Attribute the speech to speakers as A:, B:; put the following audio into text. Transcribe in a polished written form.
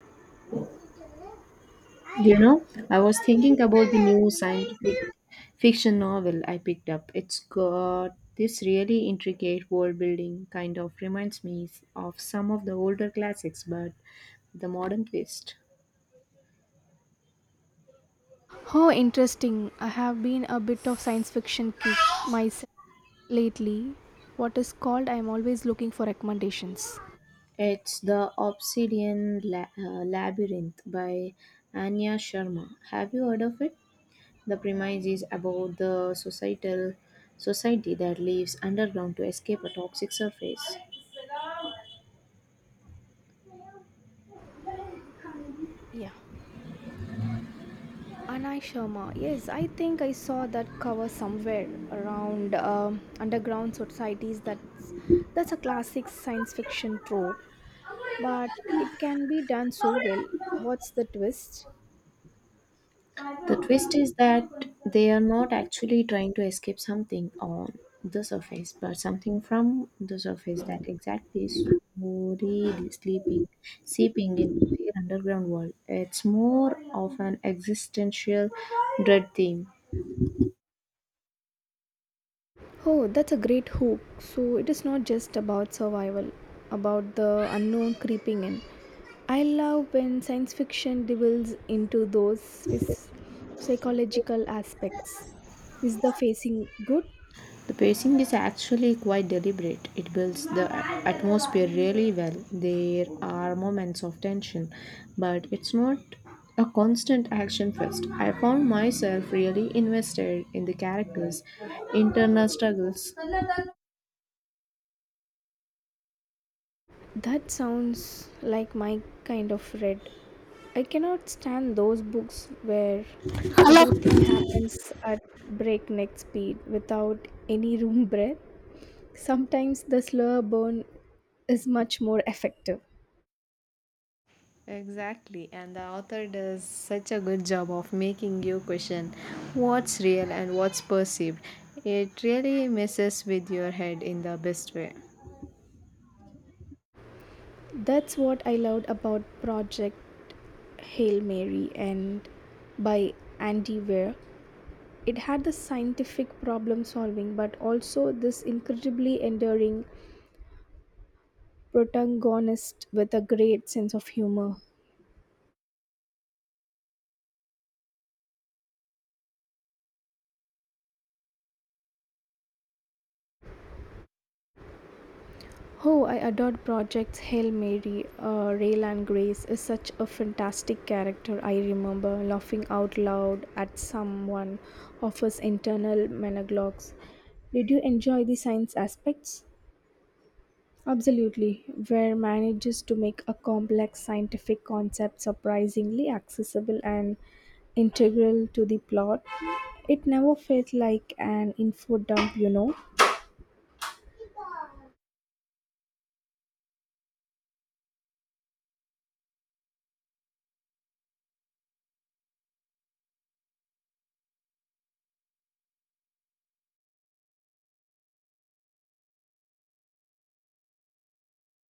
A: Do you know, I was thinking about the new scientific fiction novel I picked up. It's got this really intricate world building, kind of reminds me of some of the older classics, but the modern twist.
B: How interesting. I have been a bit of science fiction kick myself lately. What is called I am always looking for recommendations.
A: It's The Labyrinth by Anya Sharma. Have you heard of it? The premise is about the societal society that lives underground to escape a toxic surface.
B: Yeah. Anai Sharma. Yes, I think I saw that cover somewhere around underground societies. That's a classic science fiction trope, but it can be done so well. What's the twist?
A: The twist is that they are not actually trying to escape something on the surface, but something from the surface that exactly slowly sleeping, seeping into their underground world. It's more of an existential dread theme.
B: Oh, that's a great hook. So it is not just about survival, about the unknown creeping in. I love when science fiction delves into those phys- psychological aspects. Is the facing good?
A: The pacing is actually quite deliberate. It builds the atmosphere really well. There are moments of tension, but it's not a constant action fest. I found myself really invested in the characters' internal struggles.
B: That sounds like my kind of read. I cannot stand those books where everything happens at breakneck speed without any room breath. Sometimes the slower burn is much more effective.
A: Exactly, and the author does such a good job of making you question what's real and what's perceived. It really messes with your head in the best way.
B: That's what I loved about Project Hail Mary and by Andy Weir. It had the scientific problem solving but also this incredibly enduring protagonist with a great sense of humor. Oh, I adored Project's Hail Mary, Rail Grace is such a fantastic character. I remember laughing out loud at someone of his internal monologues. Did you enjoy the science aspects? Absolutely, where manages to make a complex scientific concept surprisingly accessible and integral to the plot. It never felt like an info dump.